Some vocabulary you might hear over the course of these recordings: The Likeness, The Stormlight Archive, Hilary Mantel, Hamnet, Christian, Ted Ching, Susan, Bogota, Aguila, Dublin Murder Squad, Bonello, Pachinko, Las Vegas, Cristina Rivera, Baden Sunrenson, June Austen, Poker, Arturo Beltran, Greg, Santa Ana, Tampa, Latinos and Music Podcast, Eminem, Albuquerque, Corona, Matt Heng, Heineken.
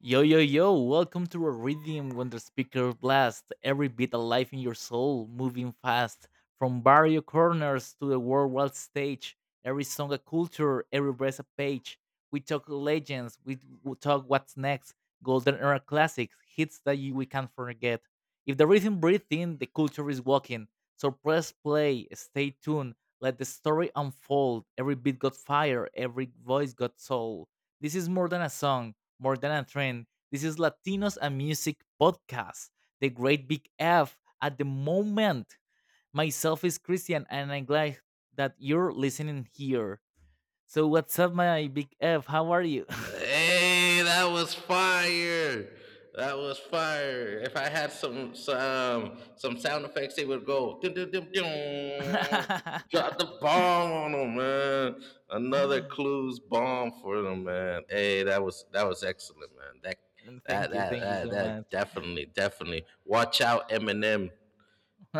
Yo, yo, yo, welcome to a rhythm when the speaker blasts every bit alive in your soul, moving fast. From barrio corners to the worldwide stage, every song a culture, every breath a page. We talk legends, we talk what's next, golden era classics, hits that we can't forget. If the rhythm breathes in, the culture is walking. So press play, stay tuned, let the story unfold. Every beat got fire, every voice got soul. This is more than a song, more than a trend. This is Latinos and Music Podcast, the great big F at the moment. Myself is Christian, and I'm glad that you're listening here. So, what's up, my big F? How are you? Hey, that was fire. That was fire. If I had some sound effects, it would go. Dun, dun, dun, dun. Drop the bomb on them, man. Another clues bomb for them, man. Hey, that was excellent, man. That And that that thank you that, so much. that definitely definitely. Watch out, Eminem.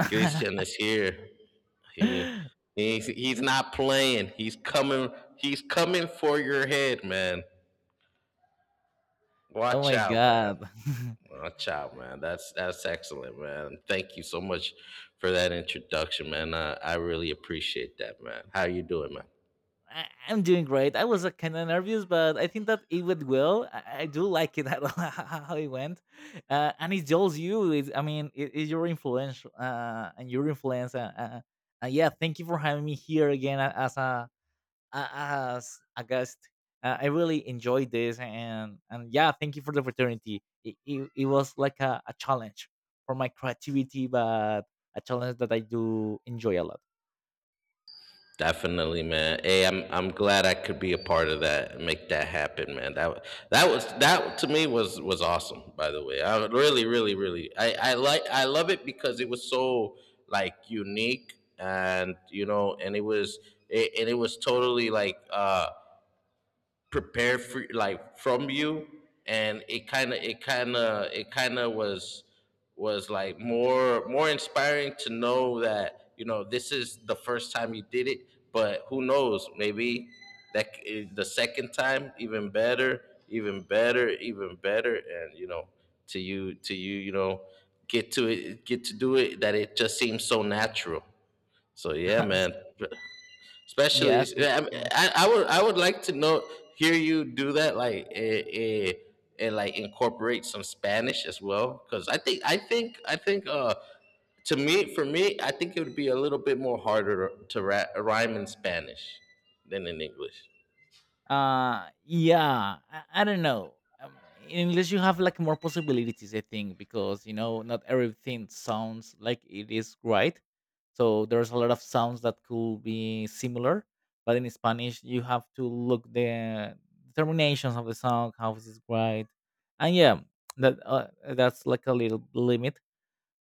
Christian is here. He he's not playing. He's coming. He's coming for your head, man. Oh Watch my out, man. god. Watch out, man. That's excellent, man. Thank you so much for that introduction, man. I really appreciate that, man. How you doing, man? I'm doing great. I was kind of nervous, but I think that it went well. I do like it how it went, and it shows you. I mean, it's your influence and your influence. Yeah, thank you for having me here again as a guest. I really enjoyed this, and yeah, thank you for the opportunity. It was like a challenge for my creativity, but a challenge that I do enjoy a lot. Definitely, man. Hey, I'm glad I could be a part of that and make that happen, man. That that was that to me was awesome. By the way, I would really I love it because it was so like unique and you know, and and it was totally like prepare for like from you and it kind of was like more inspiring to know that you know this is the first time you did it, but who knows, maybe the second time even better, even better. And you know, to you you know get to it, get to do it, that it just seems so natural. So yeah, man, especially. Yeah, thank Yeah, you I, mean, so I much. I would I would like to know, hear you do that like and like incorporate some Spanish as well, because I think to me for me I think it would be a little bit more harder to rhyme in Spanish than in English. Yeah, I don't know. In English, you have like more possibilities, I think, because you know not everything sounds like it is right. So there's a lot of sounds that could be similar, but in Spanish, you have to look the terminations of the song, how is it right, and yeah, that uh, that's like a little limit,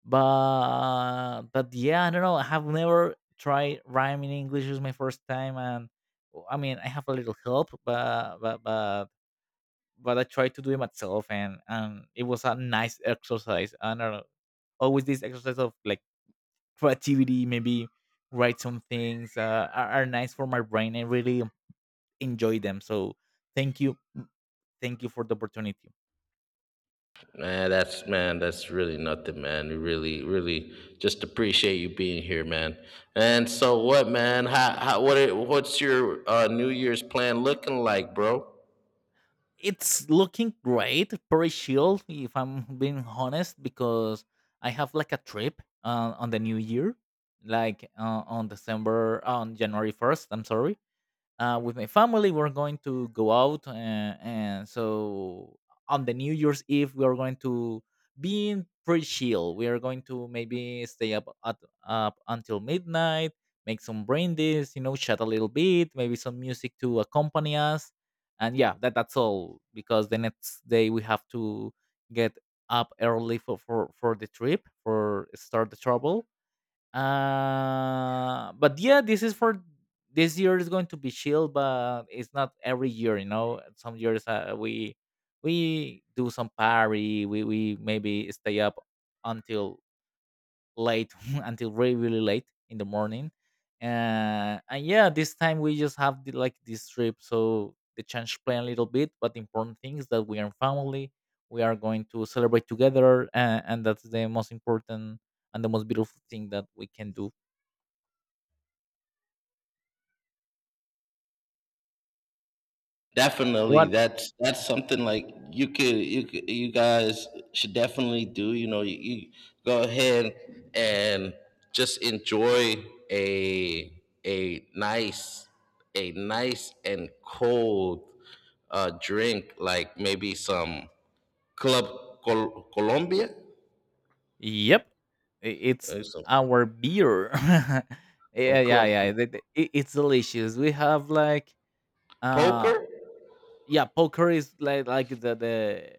but yeah, I don't know. I have never tried rhyme in English. It's my first time, and I mean, I have a little help, but but I tried to do it myself, and it was a nice exercise. I don't know, always this exercise of like creativity, maybe write some things are nice for my brain. I really enjoy them. So thank you, thank you for the opportunity. Man, that's really nothing, man. We really, really just appreciate you being here, man. And so, what, man? How what? What's your New Year's plan looking like, bro? It's looking great, pretty chill, if I'm being honest, because I have like a trip on the New Year, like on December, on January 1st, I'm sorry, with my family. We're going to go out, and so on the New Year's Eve, we are going to be in pretty chill. We are going to maybe stay up until midnight, make some brandies, chat a little bit, maybe some music to accompany us, and yeah, that's all. Because the next day we have to get up early for the trip for start the trouble, but yeah, this is for this year is going to be chill, but it's not every year, you know. Some years we do some party, we maybe stay up until late, until really really late in the morning, and yeah, this time we just have like this trip, so the change plan a little bit, but the important thing is that we are family. We are going to celebrate together, and that's the most important and the most beautiful thing that we can do. Definitely, What? that's something like you guys should definitely do. You know, you go ahead and just enjoy a nice, and cold drink, like maybe some Club Colombia, Yep, it's or some our beer. Yeah, yeah, Club yeah. It's delicious. We have like, uh, Poker. yeah, poker is like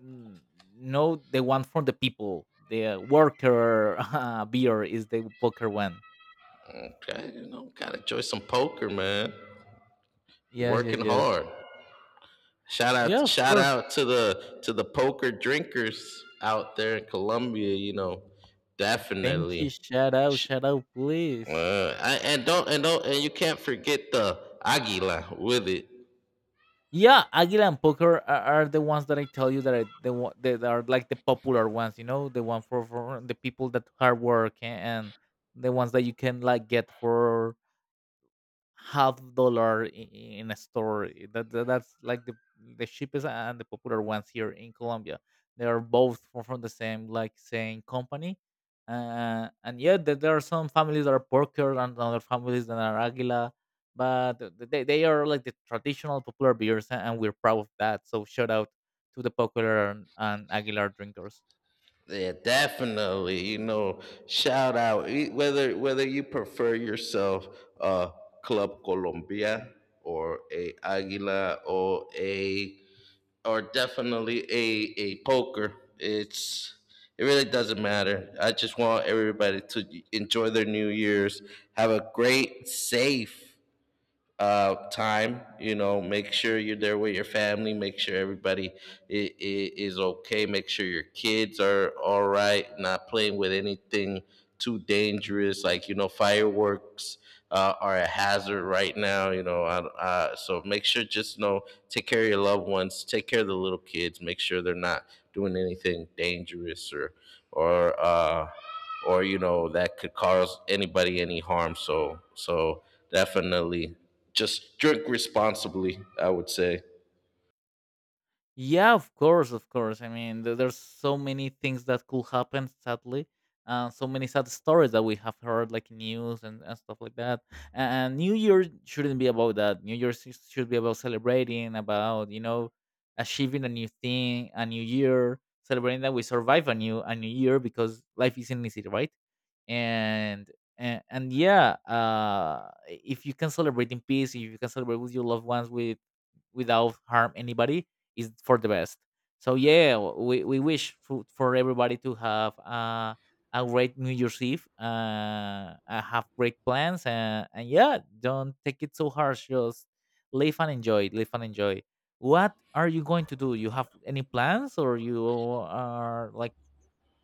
mm, no, the one from the people. The worker beer is the poker one. Okay, you know, gotta enjoy some poker, man. Yes, Working yes, yes. hard. Yeah, of Shout course. out to the poker drinkers out there in Colombia, you know. Thank you. Definitely. Sh- Shout out, please. I, and don't and don't and you can't forget the Aguila with it. Yeah, Aguila and Poker are the ones that I tell you that are like the popular ones. You know, the one for the people that hard work, and the ones that you can like get for half dollar in a store. That's like the cheapest and the popular ones here in Colombia. They are both from the same like same company. And yeah, there are some families that are porker and other families that are Aguila, but they are like the traditional popular beers, and we're proud of that. So shout out to the popular and Aguilar drinkers. Yeah, definitely. You know, shout out E- whether whether you prefer yourself uh Club Colombia, or a Aguila, or a or definitely a poker. It really doesn't matter. I just want everybody to enjoy their New Year's, have a great, safe, time. You know, make sure you're there with your family. Make sure everybody is, is okay. Make sure your kids are all right. Not playing with anything too dangerous, like you know, fireworks are a hazard right now. You know, so make sure, just know, take care of your loved ones. Take care of the little kids. Make sure they're not doing anything dangerous, or or uh, or you know, that could cause anybody any harm. So definitely just drink responsibly, I would say. Yeah, of course, of course. I mean, there's so many things that could happen, sadly. So many sad stories that we have heard, like news and stuff like that. And New Year shouldn't be about that. New Year should be about celebrating, about achieving a new thing, a new year, celebrating that we survive a new year because life isn't easy, right? And and yeah, if you can celebrate in peace, if you can celebrate with your loved ones, without harm anybody is for the best. So yeah, we wish for everybody to have a great New Year's Eve, have great plans, and yeah, don't take it so harsh. Just live and enjoy, live and enjoy. What are you going to do? You have any plans, or you are like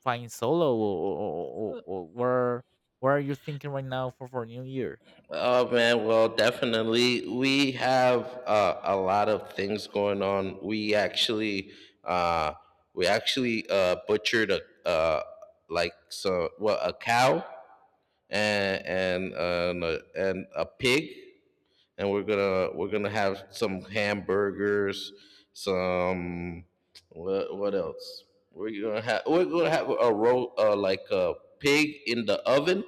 flying solo, or where are you thinking right now for New Year? Oh man, well, definitely. We have a lot of things going on. Uh, we actually butchered a uh, like so what a cow, and and uh, and a pig, and we're gonna have some hamburgers, some. What else? We're gonna have a ro like a pig in the oven.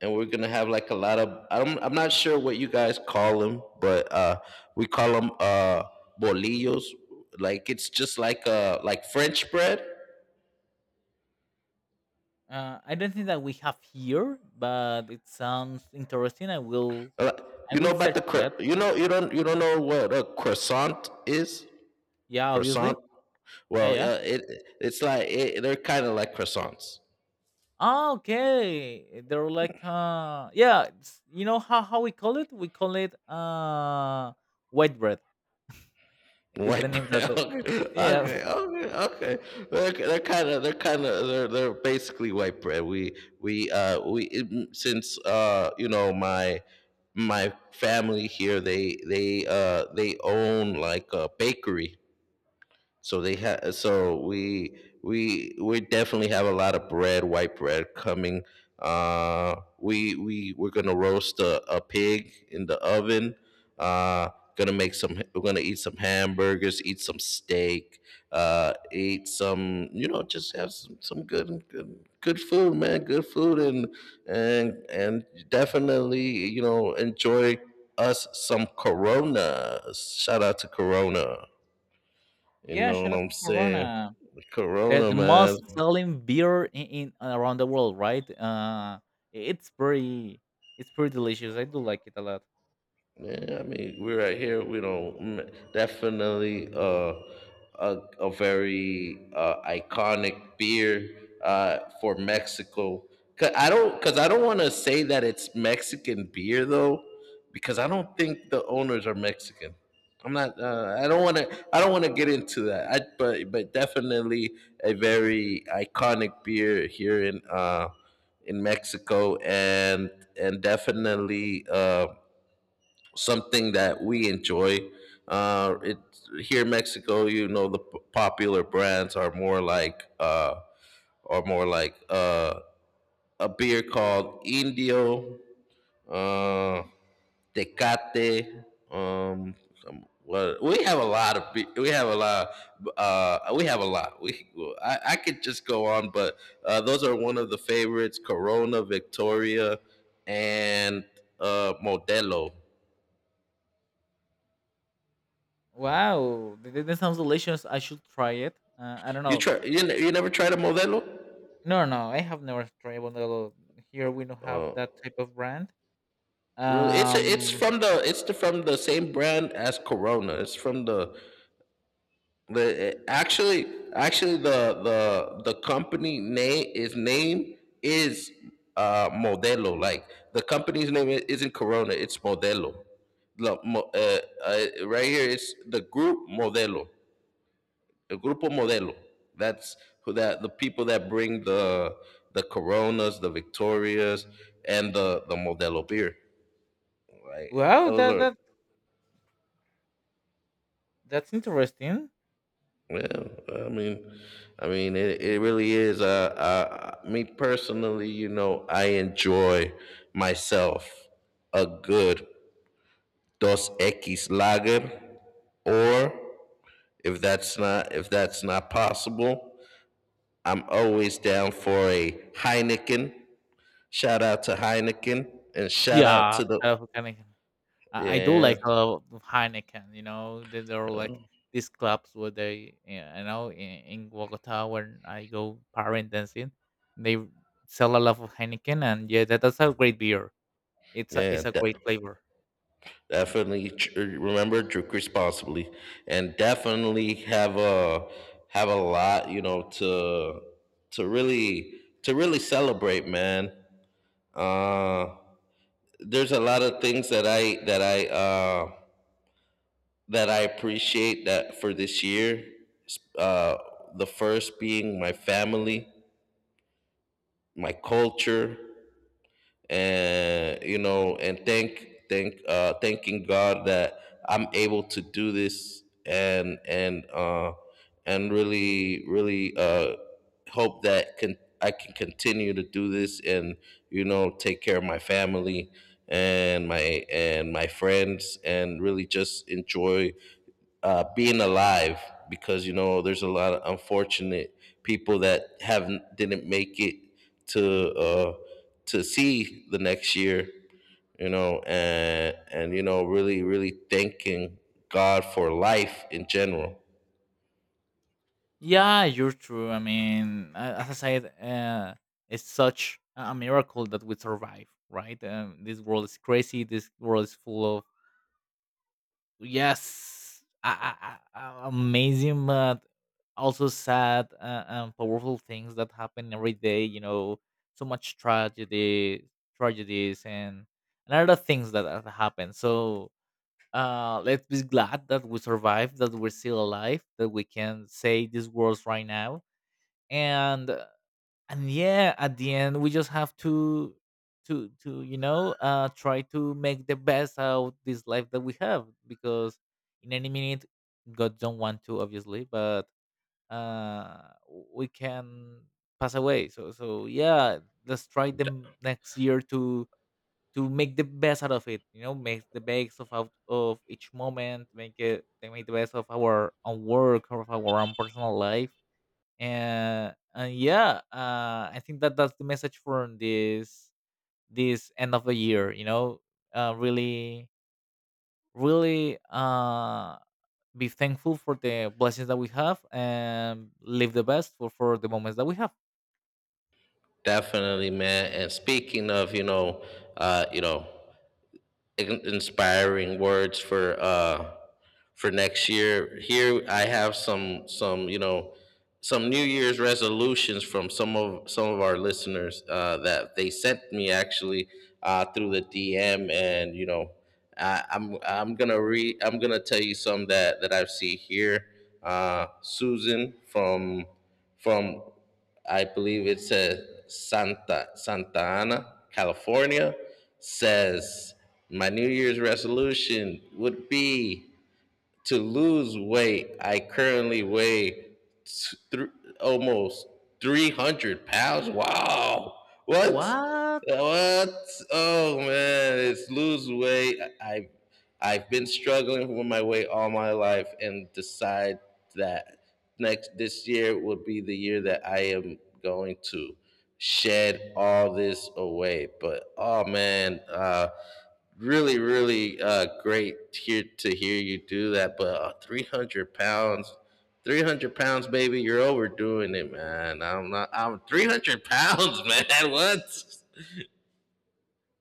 And we're gonna have like a lot of, I'm not sure what you guys call them, but we call them bolillos. Like it's just like French bread. I don't think that we have here, but it sounds interesting. I will Uh, you know about search the for that. you know, you don't know what a croissant is? Yeah, Croissant. obviously. Yeah, Well, yeah. It's like they're kind of like croissants, Ah, okay. They're like yeah, you know how we call it? We call it white bread. Is the white name that bread. the, Okay, Yeah. okay, okay. Okay. They're they're basically white bread. Since you know, my family here, they own like a bakery. So they have. So we definitely have a lot of bread, white bread coming. We're gonna roast a pig in the oven. Uh, gonna make some. We're gonna eat some hamburgers, eat some steak, eat some. You know, just have some good food, man. Good food, and definitely, you know, enjoy us some Corona. Shout out to Corona. You Yeah, know shout what out I'm to saying? Corona. The, Corona, the most man. selling beer in around the world, right? It's pretty it's pretty delicious. I do like it a lot. Yeah, I mean, we're right here. We don't definitely a very iconic beer for Mexico. Cause I don't want to say that it's Mexican beer though, because I don't think the owners are Mexican. I'm not. I don't want to get into that. But definitely a very iconic beer here in Mexico. And definitely, something that we enjoy. It Here in Mexico, you know, the popular brands are more like are more like uh, a beer called Indio, uh, Tecate. Um, what We have a lot of be- we have a lot, uh, we have a lot. We I could just go on, but those are one of the favorites: Corona, Victoria, and Modelo. Wow, that sounds delicious. I should try it. I don't You know. Ne- you never tried a Modelo? No, no, I have never tried Bonello. Here we don't have that type of brand. Really? It's it's Um, from the it's the, from the same brand as Corona. It's from the actually Actually the company name is Modelo. Like, the company's name isn't Corona, it's Modelo. The, mo- uh, right here, it's the group Modelo. El grupo Modelo. That's who that the people that bring the Coronas, the Victorias, and the Modelo beer. Right? wow, Those that are. that that's interesting. Yeah. I mean, I mean, it really is. Me personally, you know, I enjoy myself a good Dos X Lager, or if that's not possible, I'm always down for a Heineken. Shout out to Heineken, and shout out Yeah, to the. I love Heineken. I do yeah like a lot of Heineken. You know, there are like these clubs where they, yeah, in Bogota when I go parent dancing, they sell a lot of Heineken, and yeah, that's a great beer. It's a yeah it's a de- great flavor. Definitely, remember, drink responsibly, and definitely have a lot, you know, to to really to really celebrate, man. uh there's a lot of things that I that I that I appreciate that for this year. S- uh the first being my family, my culture. And you know, and thanking god that I'm able to do this. And really hope that can continue to do this, and you know, take care of my family, and my friends, and really just enjoy being alive. Because you know, there's a lot of unfortunate people that haven't didn't make it to uh, to see the next year, you know. And you know, really thanking god for life in general. Yeah, you're true. I mean, as I said, it's such a miracle that we survive, right? This world is crazy. This world is full of yes, amazing, but also sad and powerful things that happen every day. You know, so much tragedy, tragedies, and other things that have happened. So let's be glad that we survived, that we're still alive, that we can say these words right now and uh, and yeah, at the end we just have to try to make the best out this life that we have because in any minute, god don't want to, obviously, but uh we can pass away, so yeah, let's try them next year to make the best out of it, you know, make the best of out of each moment, make the best of our own work of our own personal life, and yeah, I think that's the message for this end of the year, you know, really, really, be thankful for the blessings that we have and live the best for the moments that we have. Definitely, man. And speaking of, you know, uh, you know in- inspiring words for next year. Here I have some, you know, some New Year's resolutions from some of our listeners, that they sent me actually through the DM. And you know, I'm gonna read I'm gonna tell you some that I see here. Susan from from I believe it's a Santa Santa Ana, California, says, "My New Year's resolution would be to lose weight. I currently weigh t- thr- almost 300 pounds." Wow. What? What? What? Oh man, it's lose weight. I've been struggling with my weight all my life, and decide that next this year would be the year that I am going to shed all this away. But oh man, really, great to hear you do that. But 300 pounds, 300 pounds, baby, you're overdoing it, man. I'm not, I'm 300 pounds, man. What?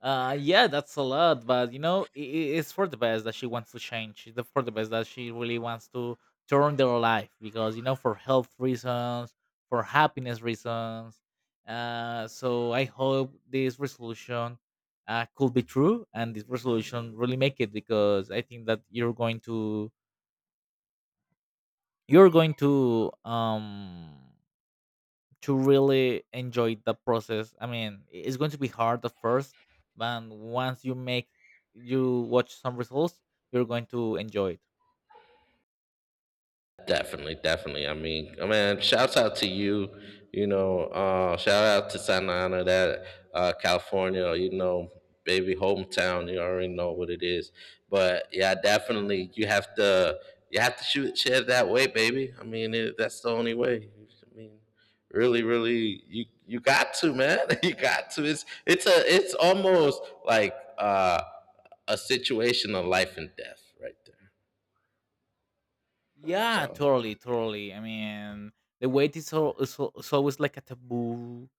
Yeah, that's a lot, but you know, it's for the best that she wants to change. For the best that she really wants to turn their life because you know, for health reasons, for happiness reasons. So I hope this resolution could be true, and this resolution really make it because I think that you're going to you're going to um really enjoy the process. I mean, it's going to be hard at first, but once you make you watch some results, you're going to enjoy it. Definitely, definitely. I mean, shouts out to you. You know, shout out to Santa Ana, that California. You know, baby hometown. You already know what it is. But yeah, definitely, you have to shoot shit that way, baby. I mean, that's the only way. I mean, really, really, you got to, man. You got to. It's almost like a situation of life and death right there. Yeah, So totally, totally. I mean, the weight is so, so, so always like a taboo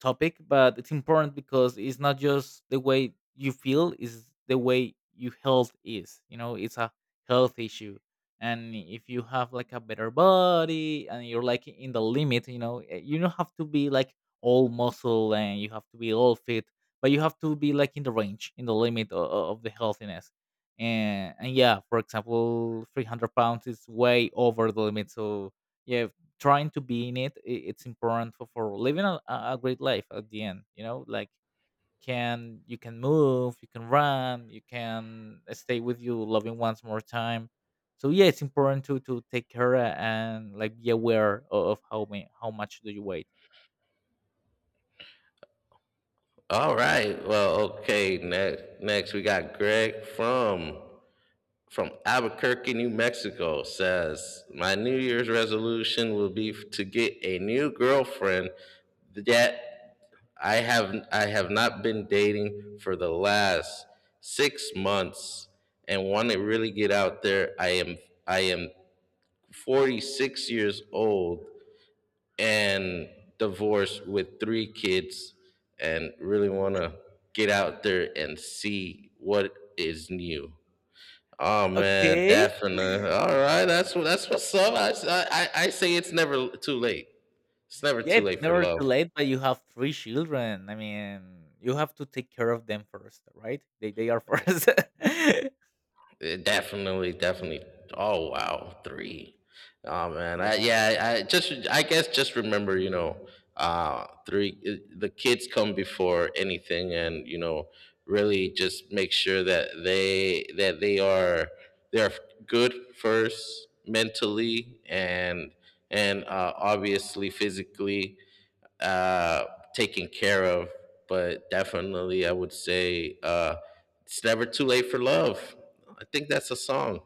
topic, but it's important because it's not just the way you feel, it's the way your health is. You know, it's a health issue. And if you have like a better body and you're like in the limit, you know, you don't have to be like all muscle and you have to be all fit, but you have to be like in the range, in the limit of the healthiness. And yeah, for example, 300 pounds is way over the limit. So, yeah, trying to be in it, it's important for living a great life at the end, you know, like can you, can move, you can run, you can stay with you loving ones more time. So yeah, it's important to take care and like be aware of how many, how much do you weigh. all right. Well, okay. Next, next we got Greg from Albuquerque, New Mexico. Says, "My New Year's resolution will be to get a new girlfriend. That I have not been dating for the last 6 months, and want to really get out there. I am 46 years old and divorced with three kids, and really want to get out there and see what is new." Oh man, Okay, definitely. All right, that's what that's what's up. I say it's never too late. It's never yeah, too it's late for never too love. late, but you have three children. I mean, you have to take care of them first, right? They are first. It definitely, definitely. Oh wow, three. Oh man, I Yeah. yeah, I just I guess just remember, The kids come before anything, and really just make sure that they're good first mentally and obviously physically uh, taken care of. But definitely, I would say it's never too late for love. I think that's a song.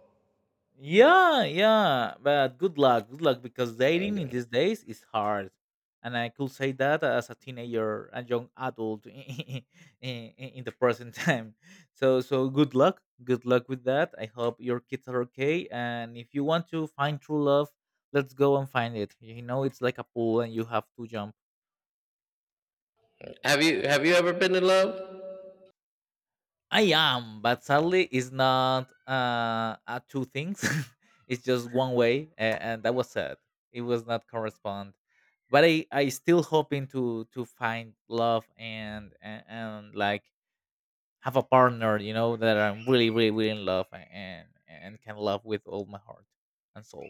Yeah, yeah, but good luck, because dating in Okay. these days is hard, and I could say that as a teenager and young adult in the present time. So, so good luck with that. I hope your kids are okay, and if you want to find true love, let's go and find it. You know, it's like a pool, and you have to jump. Have you ever been in love? I am, but sadly, it's not two things. It's just one way, and that was sad. It was not correspond, but I still hoping to find love, and like have a partner, you know, that I'm really really really in love and can love with all my heart and soul.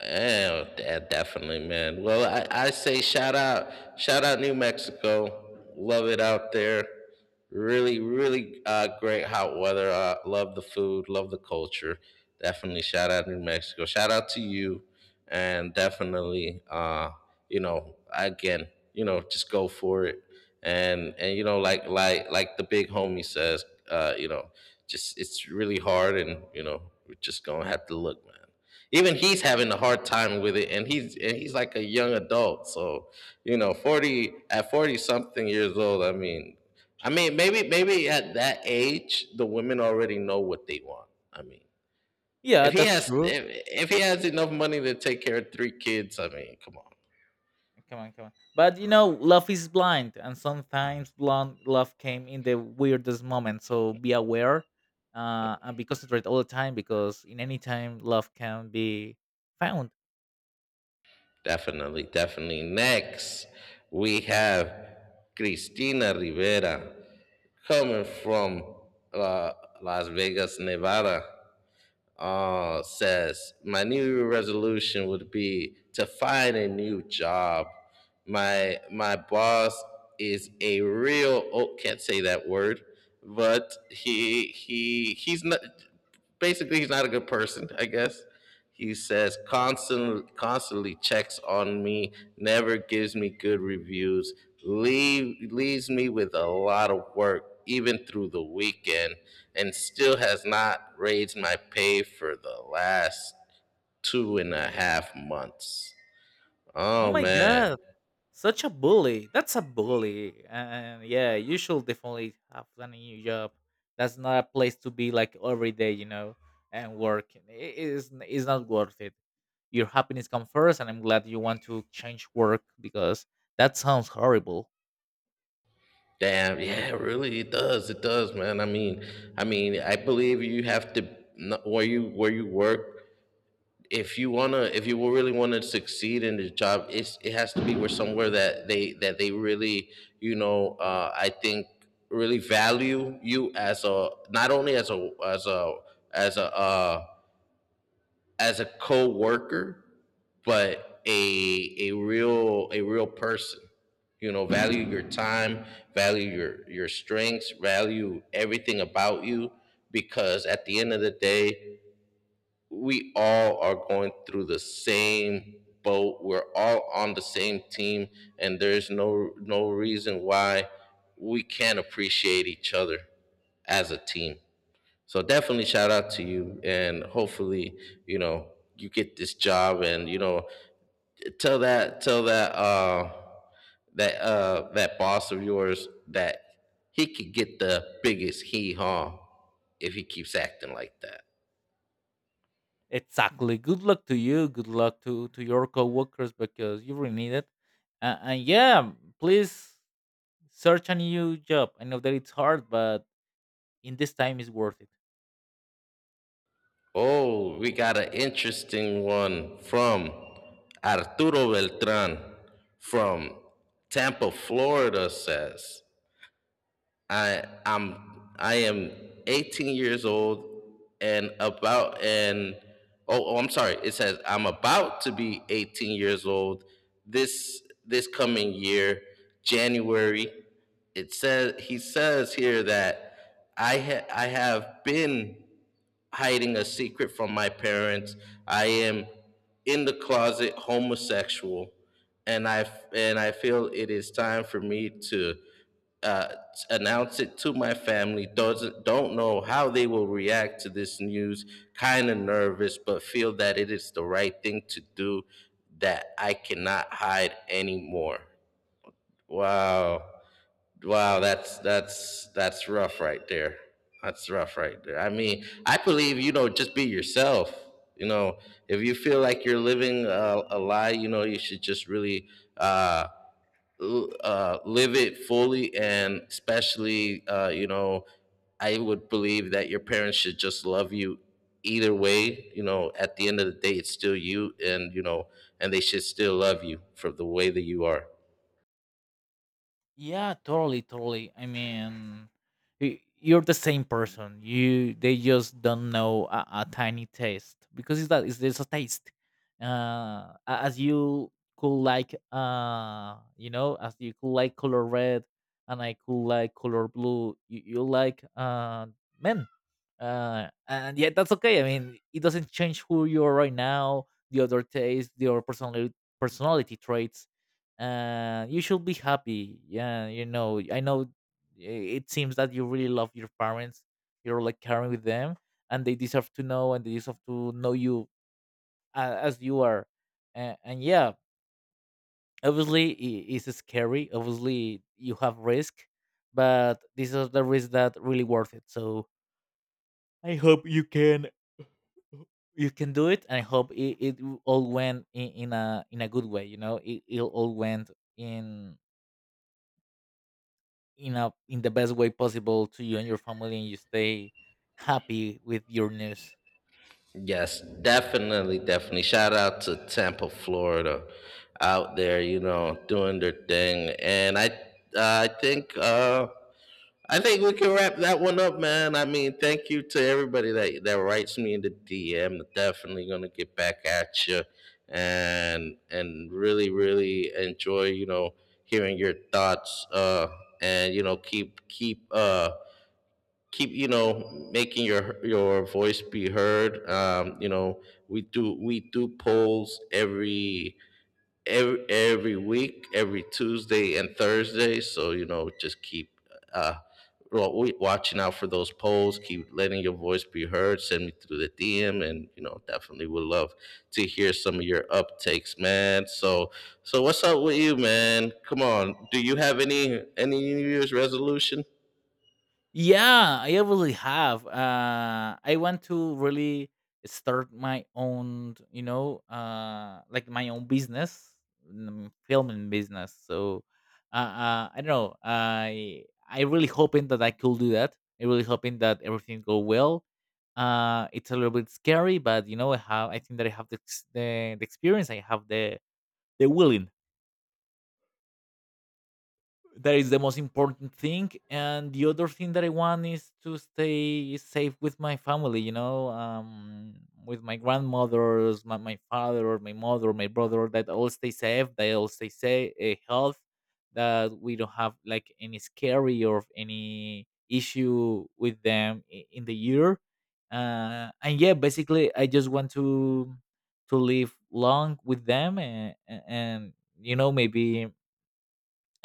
Yeah, definitely, man. Well, I say shout out New Mexico. Love it out there. Really, really great hot weather. Love the food, love the culture. Definitely shout out New Mexico. Shout out to you. And definitely you know again you know just go for it. And like the big homie says, uh you know just it's really hard, and you know, we're just gonna have to look, man. Even he's having a hard time with it, and he's like a young adult. So you know, 40, at 40 something years old, I mean, I mean maybe, maybe at that age the women already know what they want. I mean, Yeah, if he that's has true. if, if he has enough money to take care of three kids, I mean, come on. Come on, come on. But you know, love is blind, and sometimes blonde love came in the weirdest moment. So be aware, and be considerate all the time, because in any time love can be found. Definitely, definitely. Next, we have Cristina Rivera coming from uh, Las Vegas, Nevada. Says, my new resolution would be to find a new job. My boss is a real, oh, can't say that word, but he's not, basically he's not a good person, I guess. He says constantly, constantly checks on me, never gives me good reviews, leaves me with a lot of work even through the weekend, and still has not raised my pay for the last two and a half months. Oh Oh my man. god, such a bully! That's a bully, and yeah, you should definitely have a new job. That's not a place to be like every day, you know, and work. It is not worth it. Your happiness comes first, and I'm glad you want to change work because that sounds horrible. Damn, yeah, really it does. It does, man. I mean, I believe you have to where you work. If you wanna, if you really wanna succeed in the job, it's it has to be where somewhere that they really, you know, I think really value you as a, not only as a as a as a as a co-worker, but a real, a real person. You know, value your time, value your strengths, value everything about you, because at the end of the day, we all are going through the same boat. We're all on the same team, and there's no reason why we can't appreciate each other as a team. So definitely shout out to you, and hopefully, you know, you get this job, and you know, tell that, tell that that boss of yours that he could get the biggest hee haw if he keeps acting like that. Exactly. Good luck to you. Good luck to your coworkers because you really need it. And yeah, please search a new job. I know that it's hard, but in this time, it's worth it. Oh, we got an interesting one from Arturo Beltran from Tampa, Florida. Says, I am 18 years old and about and oh, oh I'm sorry, it says I'm about to be 18 years old this coming year, January. It says, he says here that I have been hiding a secret from my parents. I am in the closet homosexual, and I feel it is time for me to uh, announce it to my family. Doesn't Don't know how they will react to this news. Kind of nervous, but feel that it is the right thing to do. That I cannot hide anymore. Wow. Wow, that's rough right there. That's rough right there. I mean, I believe, you know, just be yourself. You know, if you feel like you're living a lie, you know, you should just really uh, live it fully, and especially, you know, I would believe that your parents should just love you either way. You know, at the end of the day, it's still you, and you know, and they should still love you for the way that you are. Yeah, totally, totally. I mean, you're the same person. You, they just don't know a tiny taste, because it's that, it's there's a taste. Uh, a- as you could like, you know, as you could like color red, and I could like color blue. You like men, and yeah, that's okay. I mean, it doesn't change who you are right now, the other taste, your personality, personality traits. Uh, you should be happy, yeah, you know, I know it seems that you really love your parents. You're like caring with them, and they deserve to know, and they deserve to know you as you are. And yeah, obviously it's scary, obviously you have risk, but these are the risks that really worth it. So I hope you can, you can do it, and I hope it, all went in a good way, you know, it all went in in a in the best way possible to you and your family, and you stay happy with your news. Yes, definitely, definitely. Shout out to Tampa, Florida, out there, you know, doing their thing. And I think, uh, I think we can wrap that one up, man. I mean, thank you to everybody that writes me in the DM. Definitely gonna get back at you, and really, really enjoy, you know, hearing your thoughts. And you know, keep you know making your voice be heard. You know, we do polls every, every week, every Tuesday and Thursday, so you know, just keep uh well, we watching out for those polls. Keep letting your voice be heard, send me through the DM, and you know, definitely would love to hear some of your uptakes, man. So so what's up with you, man? Come on, do you have any new year's resolution? Yeah, I really have. I want to really start my own, you know, like my own business. Filming business. So I don't know, I really hoping that I could do that, I really hoping that everything go well. Uh, it's a little bit scary, but you know, I have, I think that I have the experience, I have the willing, that is the most important thing. And the other thing that I want is to stay safe with my family, you know. Um, with my grandmothers, my father, my mother, my brother, that all stay safe, they all stay safe, health, that we don't have like any scary or any issue with them in the year. Uh, and yeah, basically I just want to live long with them, and you know maybe,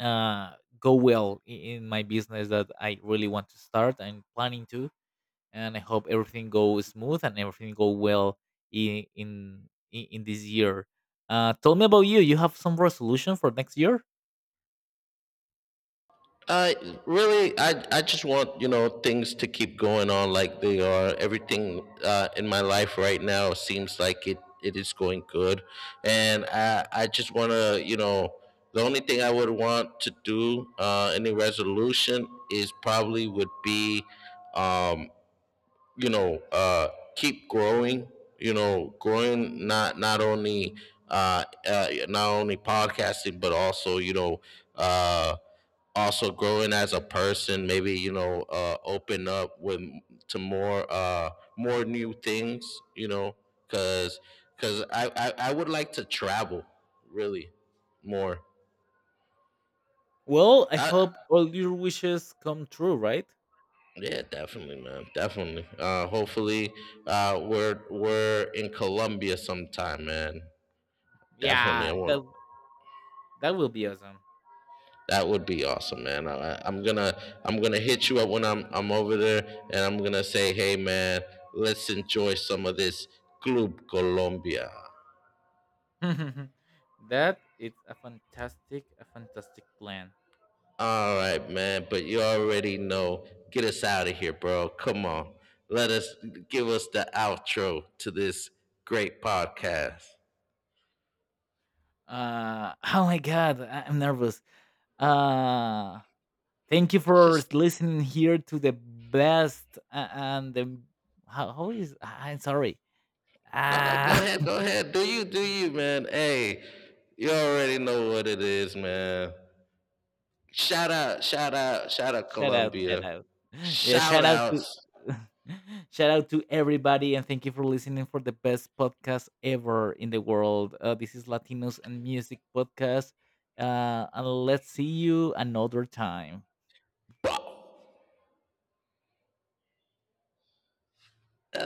uh, go well in my business that I really want to start. I'm planning to, and I hope everything goes smooth and everything go well in this year. Tell me about you. You have some resolution for next year? Uh, really, I just want, you know, things to keep going on like they are. Everything in my life right now seems like it is going good, and I just want to, you know, the only thing I would want to do, any resolution, is probably would be, um you know uh keep growing, you know, growing, not only uh, not only podcasting, but also, you know, uh also growing as a person. Maybe, you know, open up with to more more new things, you know, because because I would like to travel, really, more. Well, I I, hope all your wishes come true, right? yeah, definitely, man, definitely. Hopefully we're in Colombia sometime, man. Definitely I Yeah, want. that, that will be awesome. That would be awesome, man. I- am gonna I'm gonna hit you up when I'm over there, and I'm gonna say, hey, man, let's enjoy some of this Club Colombia. That it's a fantastic plan. All right, man. But you already know. Get us out of here, bro. Come on. Let us, give us the outro to this great podcast. Oh my god, I'm nervous. Uh, Thank you for Just listening here to the best and the how is, I'm sorry. no, no. Go Ah, ahead, go ahead. Do you, man? Hey, you already know what it is, man. Shout out, shout out, shout out shout out, shout Columbia. out. Yeah, Shout shout out to outs. shout out to everybody, and thank you for listening for the best podcast ever in the world. This is Latinos and Music Podcast. And let's see you another time.